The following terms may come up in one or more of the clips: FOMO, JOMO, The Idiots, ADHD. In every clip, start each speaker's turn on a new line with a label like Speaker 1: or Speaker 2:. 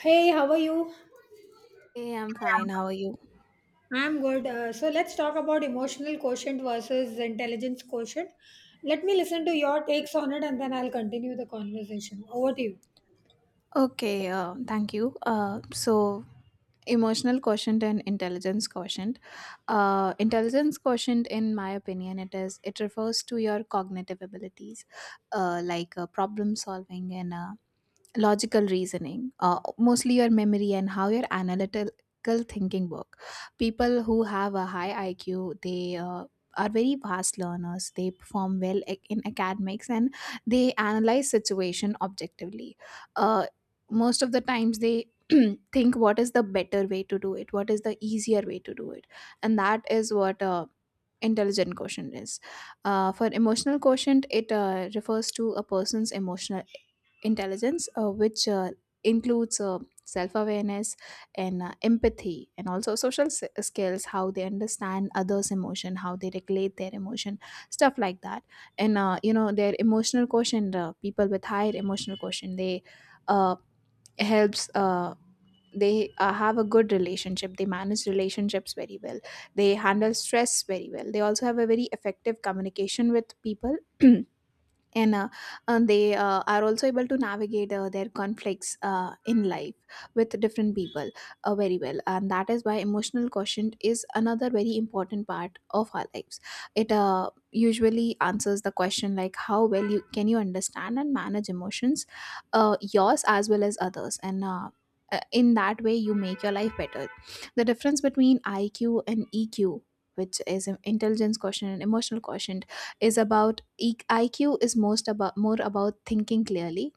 Speaker 1: Hey, how are you?
Speaker 2: Hey, I'm fine. How are you?
Speaker 1: Yeah. I'm good. So let's talk about emotional quotient versus intelligence quotient. Let me listen to your takes on it and then I'll continue the conversation. Over to you.
Speaker 2: Okay, thank you. Emotional quotient and intelligence quotient. Intelligence quotient, in my opinion, it refers to your cognitive abilities, like problem solving and logical reasoning, mostly your memory and how your analytical thinking work. People who have a high IQ, they are very fast learners. They perform well in academics, and they analyze situation objectively. uh, Most of the times they think what is the better way to do it, what is the easier way to do it. And that is what intelligent quotient is. For emotional quotient, it refers to a person's emotional intelligence, which includes self awareness and empathy, and also social skills, how they understand others' emotion, how they regulate their emotion, stuff like that. And their emotional quotient, people with higher emotional quotient, they uh, helps. They have a good relationship, they manage relationships very well, they handle stress very well, they also have a very effective communication with people. and uh, and they are also able to navigate their conflicts in life with different people, very well. And that is why emotional quotient is another very important part of our lives. It usually answers the question like how well you can you understand and manage emotions, yours as well as others. And in that way you make your life better. The difference between IQ and EQ, which is an intelligence quotient and emotional quotient, is about IQ is most about more about thinking clearly,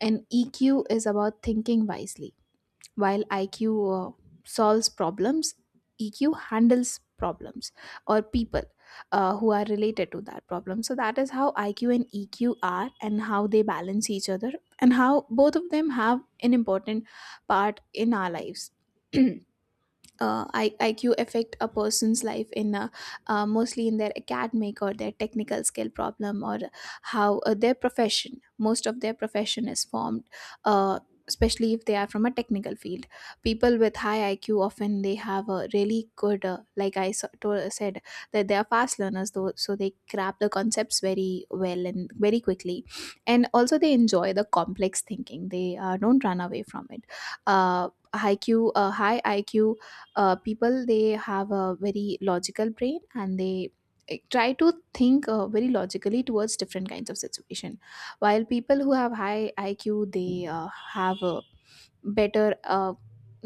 Speaker 2: and EQ is about thinking wisely. While IQ solves problems, EQ handles problems, or people who are related to that problem. So that is how IQ and EQ are and how they balance each other, and how both of them have an important part in our lives. IQ affect a person's life in, mostly in their academic or their technical skill problem, or how their profession, most of their profession is formed, uh, especially if they are from a technical field. People with high IQ often, they have a really good, like I said, that they are fast learners, though, so they grab the concepts very well and very quickly. And also they enjoy the complex thinking, they don't run away from it. uh, IQ, high IQ people, they have a very logical brain, and they try to think very logically towards different kinds of situation. While people who have high IQ, they have a better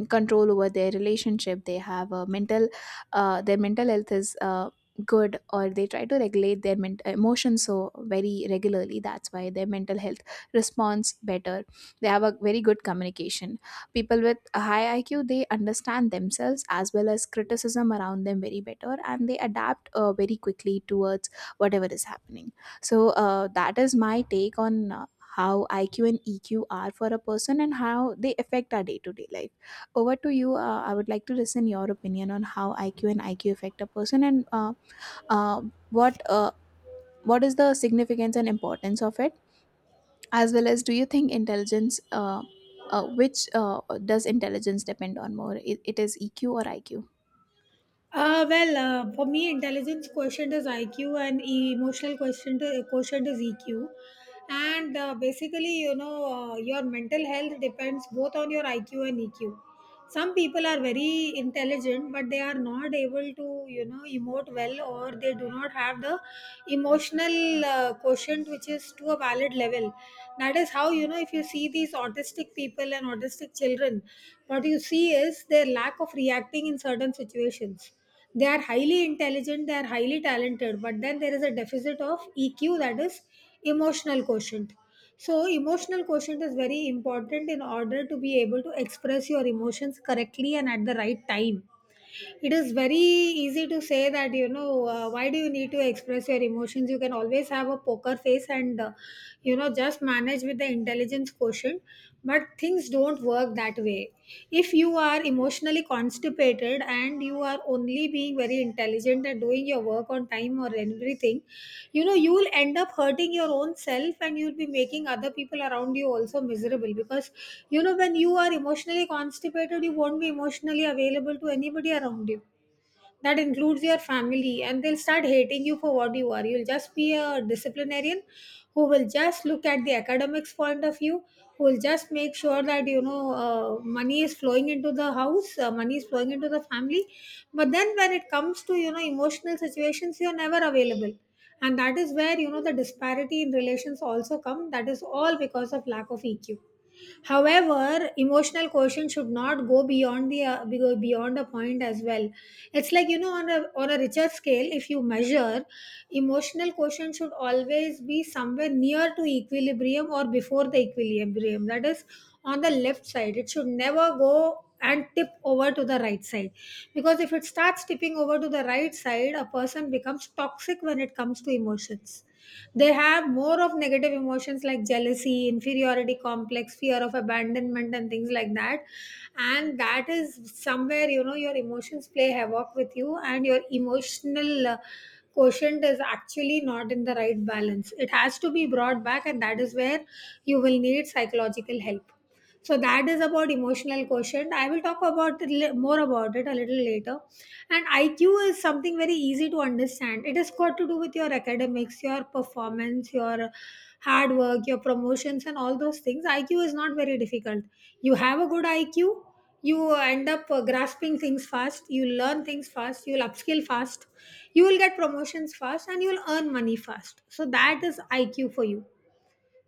Speaker 2: control over their relationship, they have a mental their mental health is good, or they try to regulate their emotions so very regularly. That's why their mental health responds better. They have a very good communication. People with a high IQ, they understand themselves as well as criticism around them very better, and they adapt very quickly towards whatever is happening. So that is my take on how IQ and EQ are for a person and how they affect our day to day life. Over to you. I would like to listen your opinion on how IQ and IQ affect a person, and uh, what uh, what is the significance and importance of it, as well as do you think intelligence, which does intelligence depend on more, it is EQ or IQ?
Speaker 1: For me, intelligence quotient is IQ and emotional quotient is EQ. And basically, you know, your mental health depends both on your IQ and EQ. Some people are very intelligent, but they are not able to, you know, emote well or they do not have the emotional quotient which is to a valid level well. That is how, you know, if you see these autistic people and autistic children, what you see is their lack of reacting in certain situations. They are highly intelligent, they are highly talented, but then there is a deficit of EQ, that is emotional quotient. So, emotional quotient is very important in order to be able to express your emotions correctly and at the right time. It is very easy to say that, you know, why do you need to express your emotions? You can always have a poker face and, you know, just manage with the intelligence quotient, but things don't work that way. If you are emotionally constipated and you are only being very intelligent and doing your work on time or everything, you know, you will end up hurting your own self and you'll be making other people around you also miserable, because, you know, when you are emotionally constipated, you won't be emotionally available to anybody around you. That includes your family, and they'll start hating you for what you are. You'll just be a disciplinarian who will just look at the academics point of view, who will just make sure that, you know, money is flowing into the house, money is flowing into the family, but then when it comes to, you know, emotional situations, you're never available. And that is where, you know, the disparity in relations also come. That is all because of lack of EQ. However, emotional quotient should not go beyond a point as well. It's like, you know, on a richer scale, if you measure, emotional quotient should always be somewhere near to equilibrium or before the equilibrium. That is, on the left side, it should never go and tip over to the right side, because if it starts tipping over to the right side, a person becomes toxic when it comes to emotions. They have more of negative emotions like jealousy, inferiority complex, fear of abandonment, and things like that. And that is somewhere, you know, your emotions play havoc with you, and your emotional quotient is actually not in the right balance. It has to be brought back, and that is where you will need psychological help. So that is about emotional quotient. I will talk about more about it a little later. And IQ is something very easy to understand. It has got to do with your academics, your performance, your hard work, your promotions, and all those things. IQ is not very difficult. You have a good IQ, you end up grasping things fast, you learn things fast, you'll upskill fast, you will get promotions fast, and you'll earn money fast. So that is IQ for you.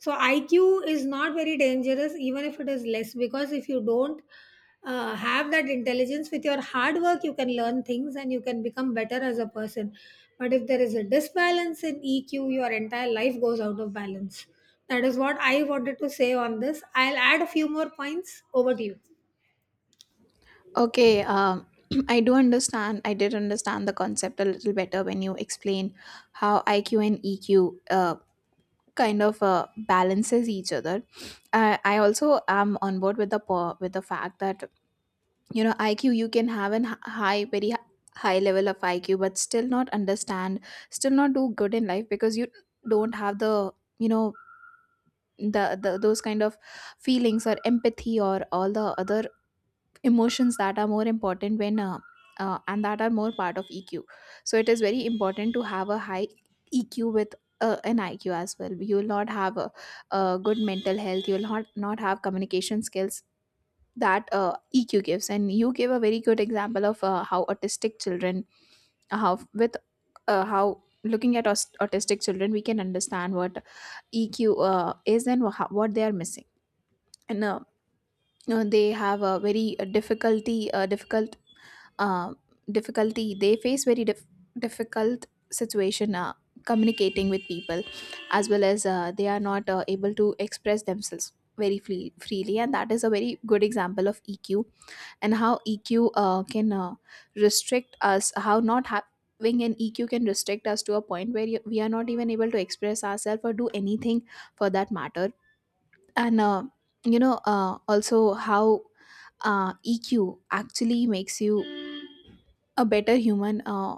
Speaker 1: So IQ is not very dangerous even if it is less, because if you don't have that intelligence, with your hard work you can learn things and you can become better as a person. But if there is a disbalance in EQ, your entire life goes out of balance. That is what I wanted to say on this. I'll add a few more points. Over to you.
Speaker 2: Okay. I did understand the concept a little better when you explained how IQ and EQ kind of balances each other. I also am on board with with the fact that, you know, IQ, you can have high, high level of IQ but still not understand, still not do good in life because you don't have the, you know the those kind of feelings or empathy or all the other emotions that are more important when, and that are more part of EQ. So it is very important to have a high EQ with an IQ as well. You will not have a good mental health. You will not have communication skills that EQ gives. And you gave a very good example of how with how looking at autistic children we can understand what EQ is and what they are missing. And they have a very uh, difficulty, they face very difficult situation communicating with people, as well as they are not able to express themselves freely, and that is a very good example of EQ. And how EQ can restrict us, how not having an EQ can restrict us to a point where we are not even able to express ourselves or do anything for that matter. And also how EQ actually makes you a better human, uh,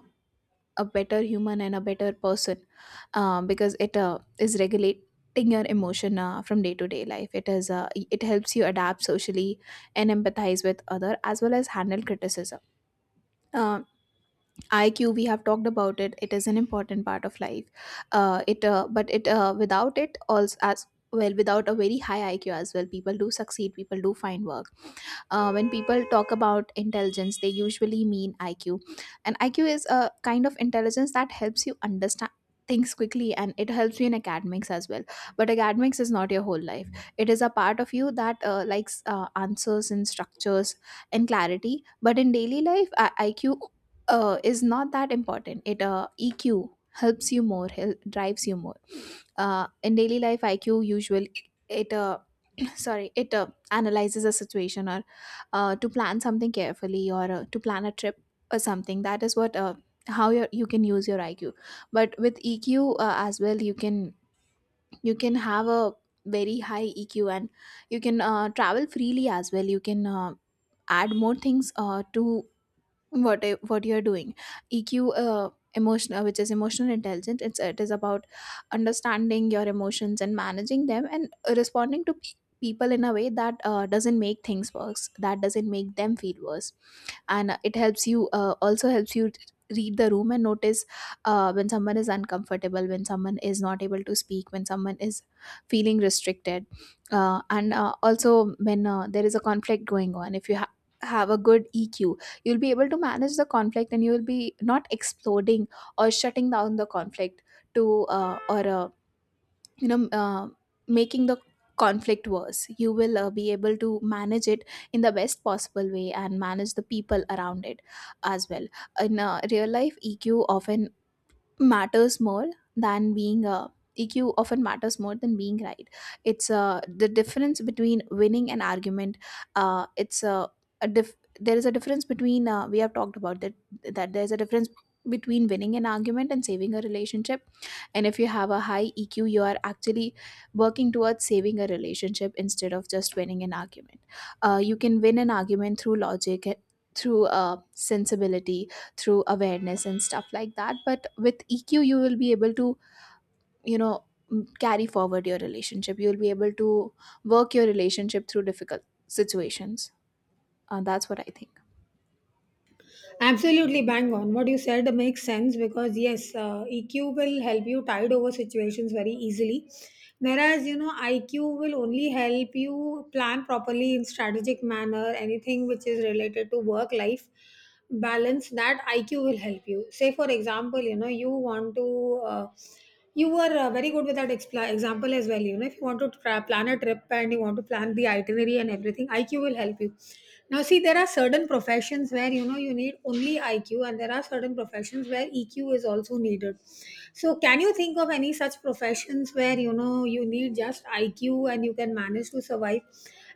Speaker 2: a better human and a better person, because it is regulating your emotion from day to day life. It helps you adapt socially and empathize with other as well as handle criticism. Uh, IQ, we have talked about it. It is an important part of life. It but it without it also, as well, without a very high IQ as well, people do succeed, people do find work. When people talk about intelligence they usually mean IQ, and IQ is a kind of intelligence that helps you understand things quickly, and it helps you in academics as well. But academics is not your whole life. It is a part of you that likes answers and structures and clarity. But in daily life, IQ is not that important, it EQ helps you more, drives you more in daily life. IQ usually, it sorry it analyzes a situation, or to plan something carefully, or to plan a trip or something. That is what how you can use your IQ. But with EQ as well, you can, you can have a very high EQ, and you can travel freely as well. You can add more things to what you're doing. EQ, uh, emotional, which is emotional intelligence, it is about understanding your emotions and managing them, and responding to people in a way that doesn't make things worse, that doesn't make them feel worse. And it helps you also helps you read the room and notice when someone is uncomfortable, when someone is not able to speak, when someone is feeling restricted. And also when there is a conflict going on, if you have a good EQ, you'll be able to manage the conflict and you will be not exploding or shutting down the conflict, to or you know making the conflict worse. You will be able to manage it in the best possible way and manage the people around it as well. In real life, often matters more than being uh, EQ often matters more than being right. it's The difference between winning an argument. uh, it's uh, there is a difference between, we have talked about that, that there's a difference between winning an argument and saving a relationship. And if you have a high EQ, you are actually working towards saving a relationship instead of just winning an argument. You can win an argument through logic, through sensibility, through awareness, and stuff like that. But with EQ, you will be able to, you know, carry forward your relationship. You will be able to work your relationship through difficult situations. That's what I think.
Speaker 1: Absolutely bang on. What you said makes sense because, yes, EQ will help you tide over situations very easily. Whereas, you know, IQ will only help you plan properly in strategic manner. Anything which is related to work life balance, that IQ will help you. Say, for example, you know, you want to you were very good with that expla example as well. You know, if you want to plan a trip and you want to plan the itinerary and everything, IQ will help you. Now see, there are certain professions where, you know, you need only IQ, and there are certain professions where EQ is also needed. So can you think of any such professions where, you know, you need just IQ and you can manage to survive?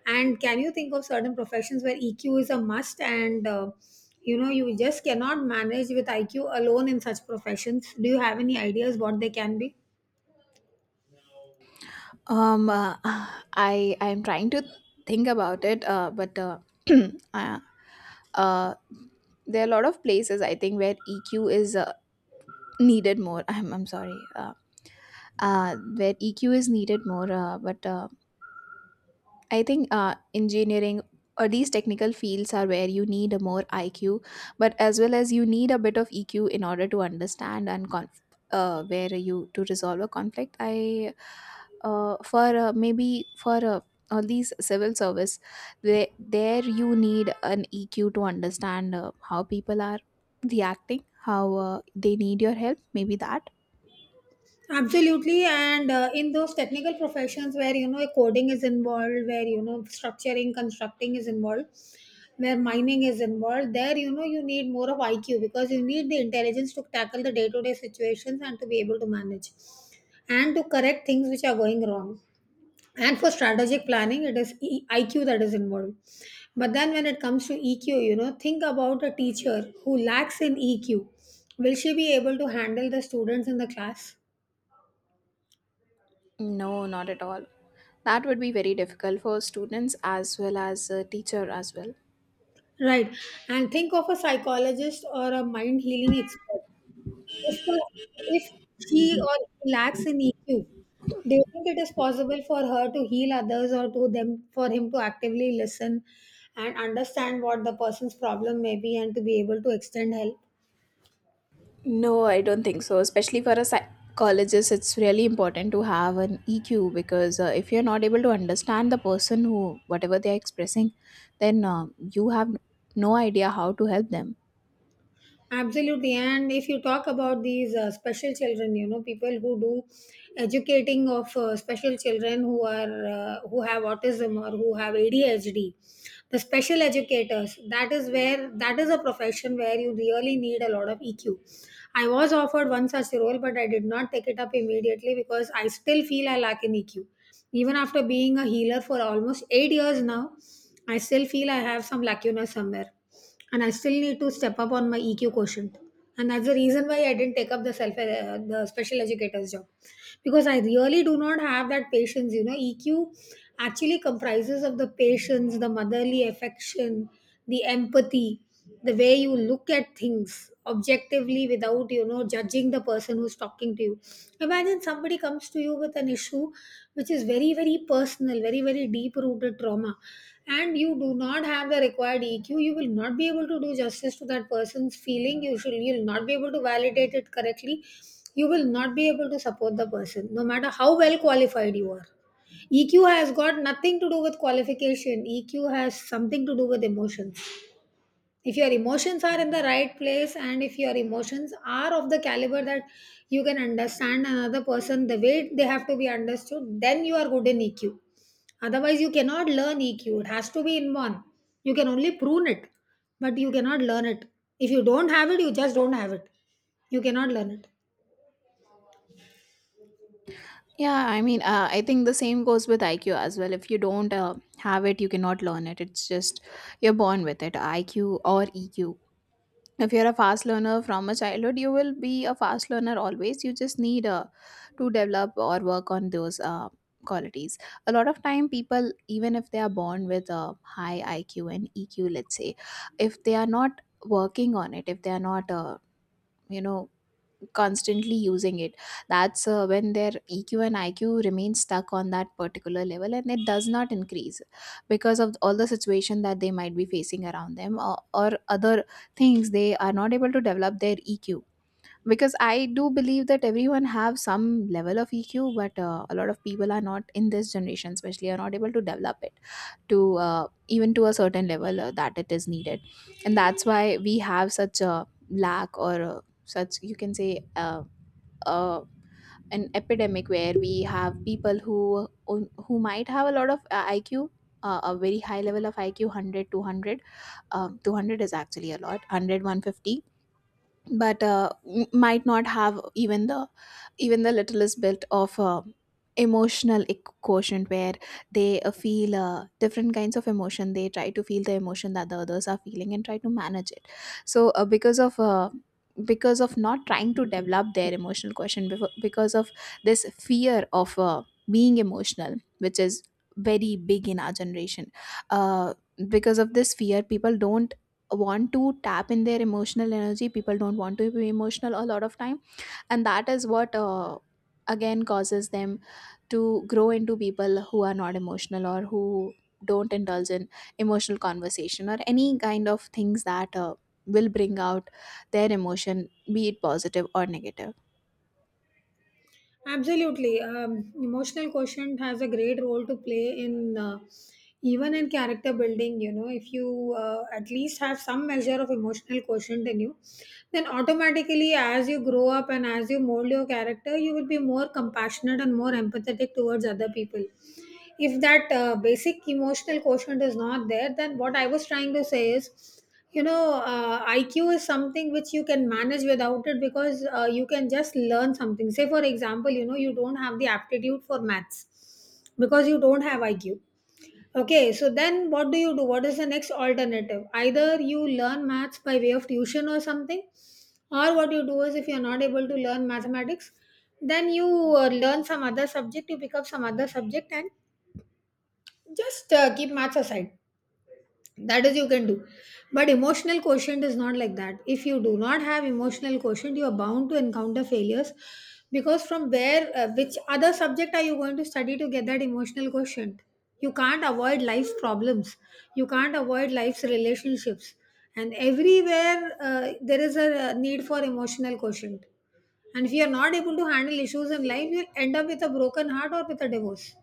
Speaker 1: And can you think of certain professions where eq is a must and, you know, you just cannot manage with IQ alone in such professions? Do you have any ideas what they can be?
Speaker 2: Um, uh, I'm trying to think about it, but uh, uh, there are a lot of places I think where EQ is needed more. I'm sorry, where EQ is needed more. But I think engineering or these technical fields are where you need a more IQ, but as well as you need a bit of EQ in order to understand and where you to resolve a conflict. I for Maybe for all these civil service, there you need an EQ to understand how people are reacting, how they need your help. Maybe that.
Speaker 1: Absolutely. And in those technical professions where, you know, coding is involved, where, you know, structuring, constructing is involved, where mining is involved, there, you know, you need more of IQ, because you need the intelligence to tackle the day to day situations and to be able to manage and to correct things which are going wrong. And for strategic planning, it is IQ that is involved. But then when it comes to EQ, you know, think about a teacher who lacks in EQ. Will she be able to handle the students in the class?
Speaker 2: No, not at all. That would be very difficult for students as well as a teacher as well.
Speaker 1: Right. And think of a psychologist or a mind healing expert. If, the, if she or he lacks in EQ, do you think it is possible for her to heal others, or to them, for him to actively listen and understand what the person's problem may be, and to be able to extend help?
Speaker 2: No, I don't think so. Especially for a psychologist, it's really important to have an EQ because if you're not able to understand the person who, whatever they're expressing, then you have no idea how to help them.
Speaker 1: Absolutely. And if you talk about these special children, you know, people who do educating of special children who are who have autism or who have ADHD, the special educators, that is where, that is a profession where you really need a lot of EQ. I was offered one such role, but I did not take it up immediately because I still feel I lack an EQ. Even after being a healer for almost 8 years now, I still feel I have some lacuna somewhere. And I still need to step up on my EQ quotient. And that's the reason why I didn't take up the self the special educator's job, because I really do not have that patience. You know, EQ actually comprises of the patience, the motherly affection, the empathy, the way you look at things objectively without, you know, judging the person who's talking to you. Imagine somebody comes to you with an issue which is very, very personal, very, very deep rooted trauma, and you do not have the required EQ. You will not be able to do justice to that person's feeling. You'll not be able to validate it correctly. You will not be able to support the person no matter how well qualified you are. Eq has got nothing to do with qualification. EQ has something to do with emotions. If your emotions are in the right place, and if your emotions are of the caliber that you can understand another person the way they have to be understood, then you are good in EQ. Otherwise you cannot learn EQ. It has to be inborn. You can only prune it, but you cannot learn it. If you don't have it, you just don't have it. You cannot learn it.
Speaker 2: Yeah, I mean, I think the same goes with IQ as well. If you don't have it, you cannot learn it. It's just you're born with it, IQ or EQ. If you're a fast learner from a childhood, you will be a fast learner always. You just need to develop or work on those qualities. A lot of time people, even if they are born with a high IQ and EQ, let's say, if they are not working on it, if they are not you know constantly using it, that's when their EQ and IQ remain stuck on that particular level and it does not increase because of all the situation that they might be facing around them, or other things they are not able to develop their EQ, because I do believe that everyone have some level of EQ, but a lot of people are not, in this generation especially, are not able to develop it to even to a certain level that it is needed. And that's why we have such a lack or such, you can say, uh, uh, an epidemic where we have people who might have a lot of IQ, a very high level of IQ, hundred, 200. 200 is actually a lot, 100, 150, but might not have even the littlest bit of emotional quotient, where they feel different kinds of emotion. They try to feel the emotion that the others are feeling and try to manage it. So because of not trying to develop their emotional quotient, because of this fear of being emotional, which is very big in our generation, uh, because of this fear, people don't want to tap in their emotional energy. People don't want to be emotional a lot of time, and that is what again causes them to grow into people who are not emotional, or who don't indulge in emotional conversation or any kind of things that will bring out their emotion, be it positive or negative.
Speaker 1: Absolutely. Emotional quotient has a great role to play in, even in character building. You know, if you at least have some measure of emotional quotient in you, then automatically, as you grow up and as you mold your character, you will be more compassionate and more empathetic towards other people. If that basic emotional quotient is not there, then what I was trying to say is you know IQ is something which you can manage without it, because you can just learn something. Say for example, you know, you don't have the aptitude for maths because you don't have IQ. Okay, so then what do you do? What is the next alternative? Either you learn maths by way of tuition or something, or what you do is, if you're not able to learn mathematics, then you learn some other subject. You pick up some other subject and just keep maths aside. That is you can do. But emotional quotient is not like that. If you do not have emotional quotient, you are bound to encounter failures, because from where, which other subject are you going to study to get that emotional quotient? You can't avoid life's problems, you can't avoid life's relationships, and everywhere there is a need for emotional quotient. And if you are not able to handle issues in life, you end up with a broken heart or with a divorce,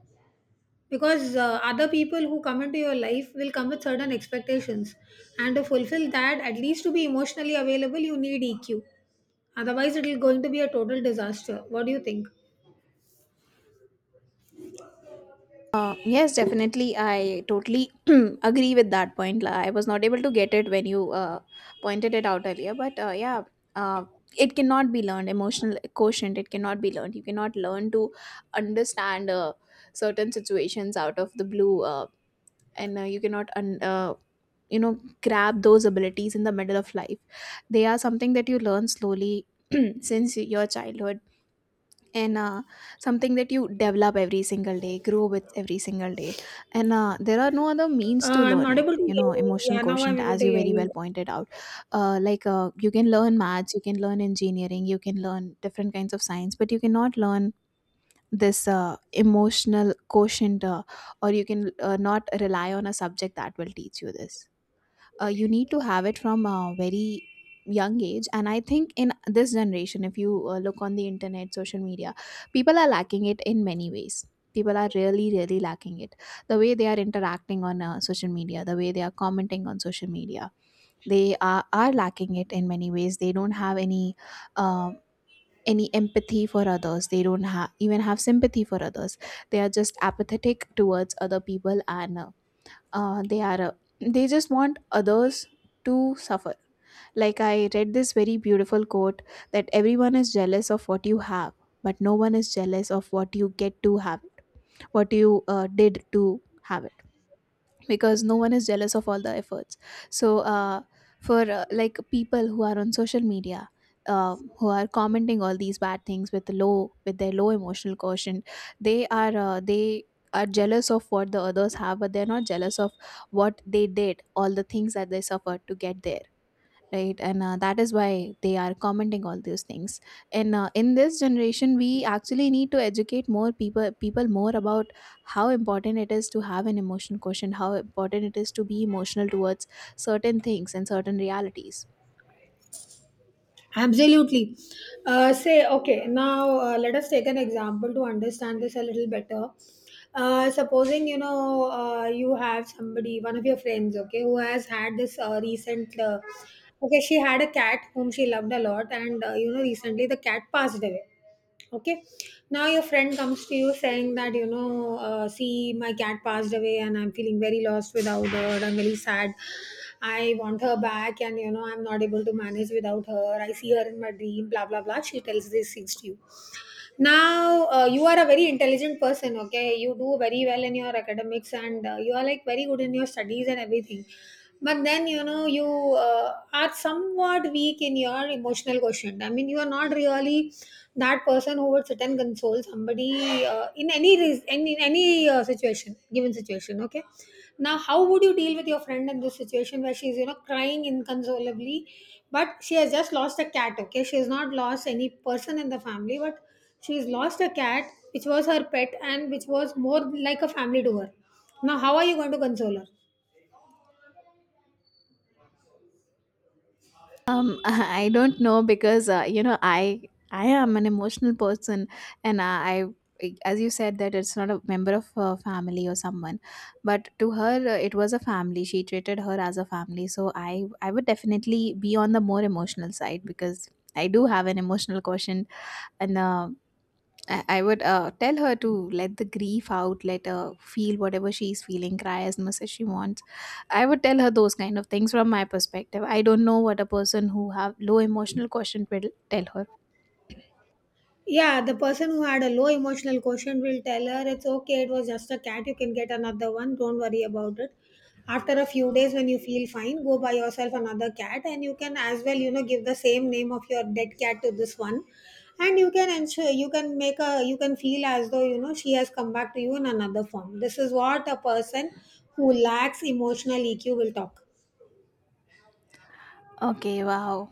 Speaker 1: because other people who come into your life will come with certain expectations, and to fulfill that, at least to be emotionally available, you need EQ. Otherwise it will going to be a total disaster. What do you think?
Speaker 2: Yes, definitely. I totally agree with that point. Like, I was not able to get it when you pointed it out earlier, but yeah, uh, it cannot be learned. Emotional quotient, it cannot be learned. You cannot learn to understand certain situations out of the blue, and you cannot, grab those abilities in the middle of life. They are something that you learn slowly since your childhood, and something that you develop every single day, grow with every single day. And there are no other means to
Speaker 1: I'm
Speaker 2: learn
Speaker 1: not
Speaker 2: it.
Speaker 1: able to
Speaker 2: You
Speaker 1: hear
Speaker 2: know,
Speaker 1: you.
Speaker 2: emotional
Speaker 1: Yeah, now I'm
Speaker 2: quotient,
Speaker 1: able
Speaker 2: as
Speaker 1: to
Speaker 2: you
Speaker 1: hear
Speaker 2: very well
Speaker 1: you.
Speaker 2: pointed out, like, you can learn maths, you can learn engineering, you can learn different kinds of science, but you cannot learn this emotional quotient. Or you can not rely on a subject that will teach you this. You need to have it from a very young age. And I think in this generation, if you look on the internet, social media, people are lacking it in many ways. People are really really lacking it. The way they are interacting on social media, the way they are commenting on social media, they are lacking it in many ways. They don't have uh, any empathy for others. They don't have, even have sympathy for others. They are just apathetic towards other people, and they are, they just want others to suffer. Like, I read this very beautiful quote that everyone is jealous of what you have, but no one is jealous of what you get to have, what you did to have it, because no one is jealous of all the efforts. So for like, people who are on social media, who are commenting all these bad things with low, with their low emotional quotient, they are jealous of what the others have, but they're not jealous of what they did, all the things that they suffered to get there, right? And that is why they are commenting all those things. And in this generation, we actually need to educate more people more about how important it is to have an emotional quotient, how important it is to be emotional towards certain things and certain realities.
Speaker 1: Absolutely. Say, okay, now let us take an example to understand this a little better. Supposing, you know, you have somebody, one of your friends, okay, who has had this recent, okay, she had a cat whom she loved a lot, and, you know, recently the cat passed away. Okay. Now your friend comes to you saying that, you know, see, my cat passed away and I'm feeling very lost without her, I'm very sad, I want her back, and you know, I'm not able to manage without her, I see her in my dream, blah blah blah. She tells these things to you. Now you are a very intelligent person, okay, you do very well in your academics and you are like very good in your studies and everything, but then, you know, you are somewhat weak in your emotional quotient. I mean, you are not really that person who would sit and console somebody in any re- any situation, given situation, okay. Now how would you deal with your friend in this situation where she's, you know, crying inconsolably, but she has just lost a cat? Okay, she has not lost any person in the family, but she's lost a cat, which was her pet and which was more like a family to her. Now how are you going to console her?
Speaker 2: I don't know, because you know, I am an emotional person, and I, as you said, that it's not a member of a family or someone, but to her it was a family. She treated her as a family, so I would definitely be on the more emotional side, because I do have an emotional quotient, and I would tell her to let the grief out, let her feel whatever she's feeling, cry as much as she wants. I would tell her those kind of things from my perspective. I don't know what a person who have low emotional quotient will tell her.
Speaker 1: Yeah, the person who had a low emotional quotient will tell her, it's okay, it was just a cat, you can get another one, don't worry about it. After a few days, when you feel fine, go buy yourself another cat, and you can as well, you know, give the same name of your dead cat to this one. And you can ensure, you can make a, you can feel as though, you know, she has come back to you in another form. This is what a person who lacks emotional EQ will talk.
Speaker 2: Okay, wow.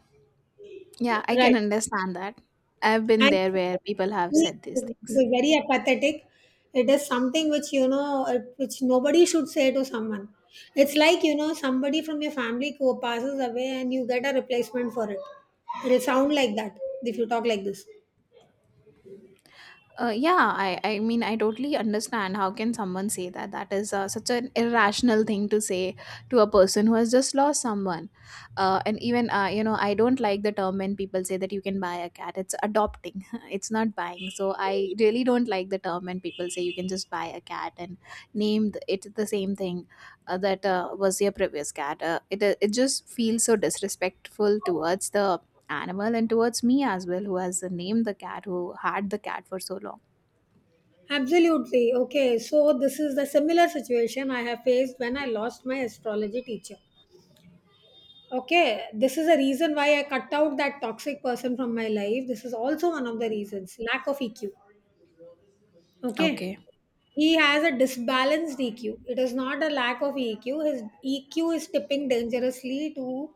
Speaker 2: Yeah, I
Speaker 1: Right.
Speaker 2: can understand that. I've been
Speaker 1: And
Speaker 2: there where people have said these
Speaker 1: to
Speaker 2: things.
Speaker 1: be very apathetic, it is something which, you know, which nobody should say to someone. It's like, you know, somebody from your family who passes away, and you get a replacement for it. It'll sound like that if you talk like this.
Speaker 2: Yeah, I mean, I totally understand. How can someone say that? That is such an irrational thing to say to a person who has just lost someone. And even, I don't like the term when people say that you can buy a cat. It's adopting, it's not buying. So I really don't like the term when people say you can just buy a cat and name it the same thing that was your previous cat. It just feels so disrespectful towards the animal and towards me as well, who has named the cat, who had the cat for so long.
Speaker 1: Absolutely. Okay. So this is the similar situation I have faced when I lost my astrology teacher. Okay, this is a reason why I cut out that toxic person from my life. This is also one of the reasons, lack of EQ. Okay.
Speaker 2: Okay,
Speaker 1: He has a disbalanced EQ. It is not a lack of EQ. His EQ is tipping dangerously to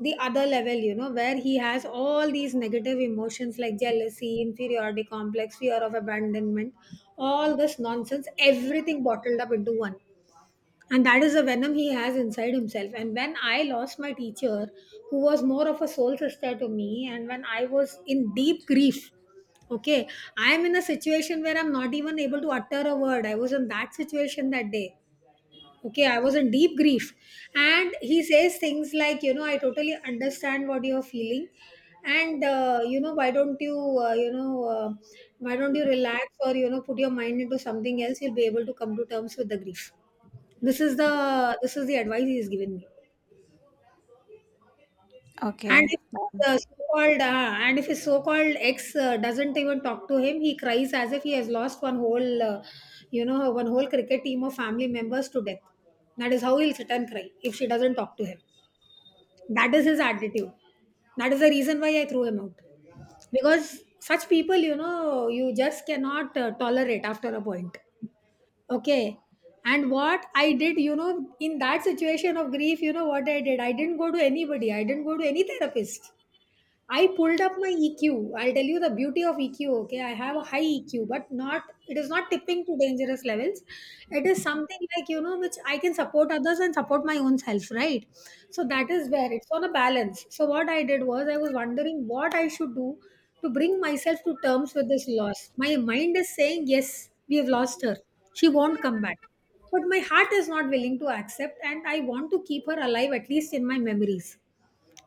Speaker 1: the other level, you know, where he has all these negative emotions like jealousy, inferiority complex, fear of abandonment, all this nonsense, everything bottled up into one. And that is the venom he has inside himself. And when I lost my teacher, who was more of a soul sister to me, and when I was in deep grief, okay, I am in a situation where I'm not even able to utter a word. I was in that situation that day. Okay, I was in deep grief. And he says things like, you know, I totally understand what you're feeling, and you know, why don't you you know why don't you relax, or you know, put your mind into something else, you'll be able to come to terms with the grief. this is the this is the advice he's given me. And
Speaker 2: okay.
Speaker 1: if his so-called ex doesn't even talk to him, he cries as if he has lost one whole, you know, one whole cricket team of family members to death. That is how he'll sit and cry if she doesn't talk to him. That is his attitude. That is the reason why I threw him out. Because such people, you know, you just cannot tolerate after a point. Okay. And what I did, you know, in that situation of grief, you know what I did? I didn't go to anybody. I didn't go to any therapist. I pulled up my EQ. I'll tell you the beauty of EQ, okay? I have a high EQ, but not it is not tipping to dangerous levels. It is something like, you know, which I can support others and support my own self, right? So that is where it's on a balance. So what I did was, I was wondering what I should do to bring myself to terms with this loss. My mind is saying, yes, we have lost her, she won't come back. But my heart is not willing to accept, and I want to keep her alive at least in my memories,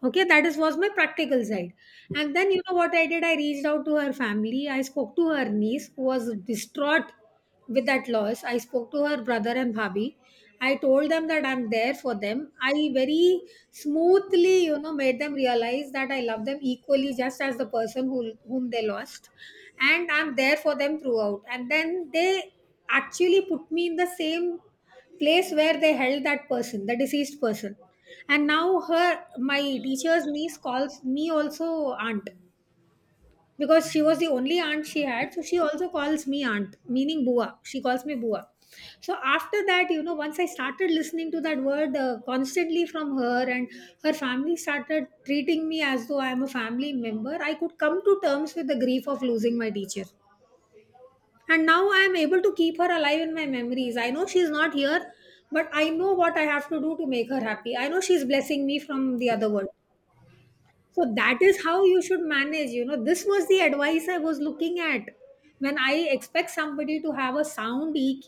Speaker 1: okay? that is was my practical side. And then, you know what I did, I reached out to her family. I spoke to her niece, who was distraught with that loss. I spoke to her brother and bhabhi. I told them that I'm there for them. I very smoothly, you know, made them realize that I love them equally, just as the person whom they lost, and I'm there for them throughout. And then they actually put me in the same place where they held that person, the deceased person. And now her my teacher's niece calls me also aunt, because she was the only aunt she had. So she also calls me aunt, meaning bua. She calls me bua. So after that, you know, once I started listening to that word constantly from her, and her family started treating me as though I am a family member, I could come to terms with the grief of losing my teacher. And now I am able to keep her alive in my memories. I know she's not here, but I know what I have to do to make her happy. I know she's blessing me from the other world. So that is how you should manage, you know. This was the advice I was looking at when I expect somebody to have a sound EQ.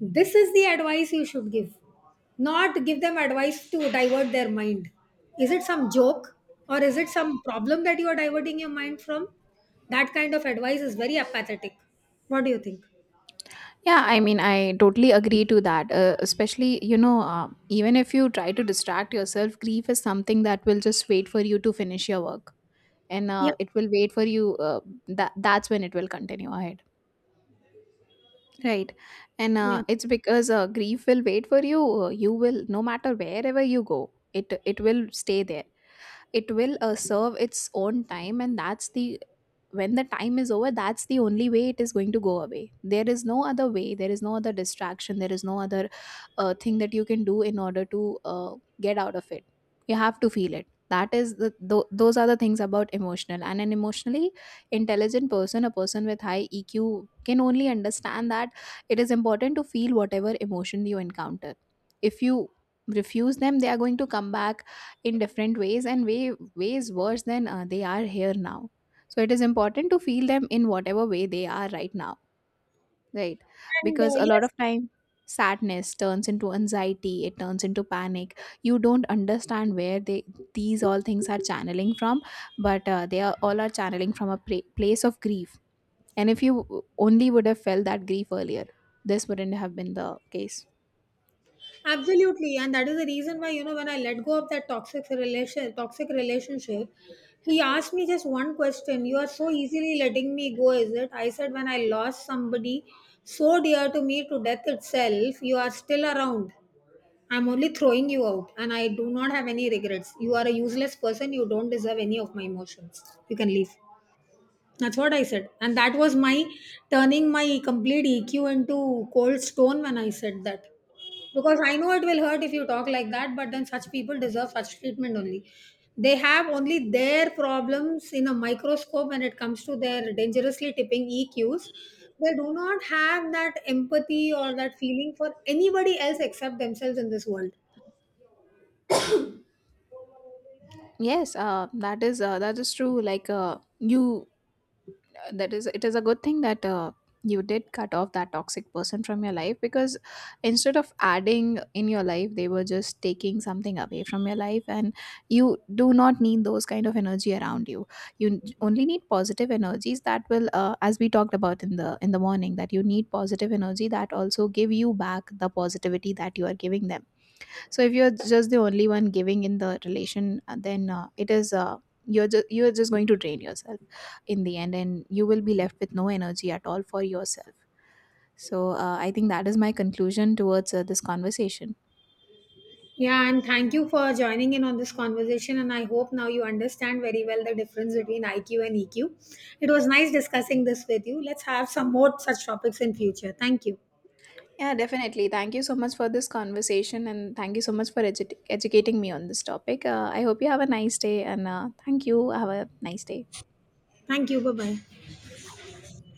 Speaker 1: This is the advice you should give, not give them advice to divert their mind. Is it some joke or is it some problem that you are diverting your mind from? That kind of advice is very apathetic. What do you think?
Speaker 2: Yeah, I mean, I totally agree to that. Especially, even if you try to distract yourself, grief is something that will just wait for you to finish your work, and
Speaker 1: Yeah,
Speaker 2: it will wait for you, that's when it will continue ahead, right? And
Speaker 1: yeah.
Speaker 2: it's because grief will wait for you. You will, no matter wherever you go, it will stay there. It will serve its own time, and that's the, when the time is over, that's the only way it is going to go away. There is no other way, there is no other distraction, there is no other thing that you can do in order to get out of it. You have to feel it. That is the, those are the things about emotional, and an emotionally intelligent person, a person with high EQ, can only understand that it is important to feel whatever emotion you encounter. If you refuse them, they are going to come back in different ways, and ways worse than they are here now. So it is important to feel them in whatever way they are right now, right?
Speaker 1: And
Speaker 2: Because a lot
Speaker 1: yes,
Speaker 2: of time, sadness turns into anxiety, it turns into panic. You don't understand where they, these all things are channeling from, but they are all are channeling from a place of grief. And if you only would have felt that grief earlier, this wouldn't have been the case.
Speaker 1: absolutely. And that is the reason why, you know, when I let go of that toxic relationship, he asked me just one question. You are so easily letting me go, is it? I said, when I lost somebody so dear to me to death itself, you are still around. I'm only throwing you out, and I do not have any regrets. You are a useless person. You don't deserve any of my emotions. You can leave. That's what I said. And that was my turning my complete EQ into cold stone when I said that. Because I know it will hurt if you talk like that, but then such people deserve such treatment only. They have only their problems in a microscope when it comes to their dangerously tipping EQs. They do not have that empathy or that feeling for anybody else except themselves in this world.
Speaker 2: Yes, that is, that is true. Like, you that is it is a good thing that you did cut off that toxic person from your life, because instead of adding in your life, they were just taking something away from your life, and you do not need those kind of energy around you. You only need positive energies that will, as we talked about in the morning, that you need positive energy that also give you back the positivity that you are giving them. So if you're just the only one giving in the relation, then it is, you're just going to drain yourself in the end, and you will be left with no energy at all for yourself. So I think that is my conclusion towards this conversation.
Speaker 1: Yeah, and thank you for joining in on this conversation. And I hope now you understand very well the difference between IQ and EQ. It was nice discussing this with you. Let's have some more such topics in future. Thank you.
Speaker 2: Yeah, definitely, thank you so much for this conversation, and thank you so much for educating me on this topic. I hope you have a nice day, and thank you, have a nice day.
Speaker 1: Thank you. Bye bye.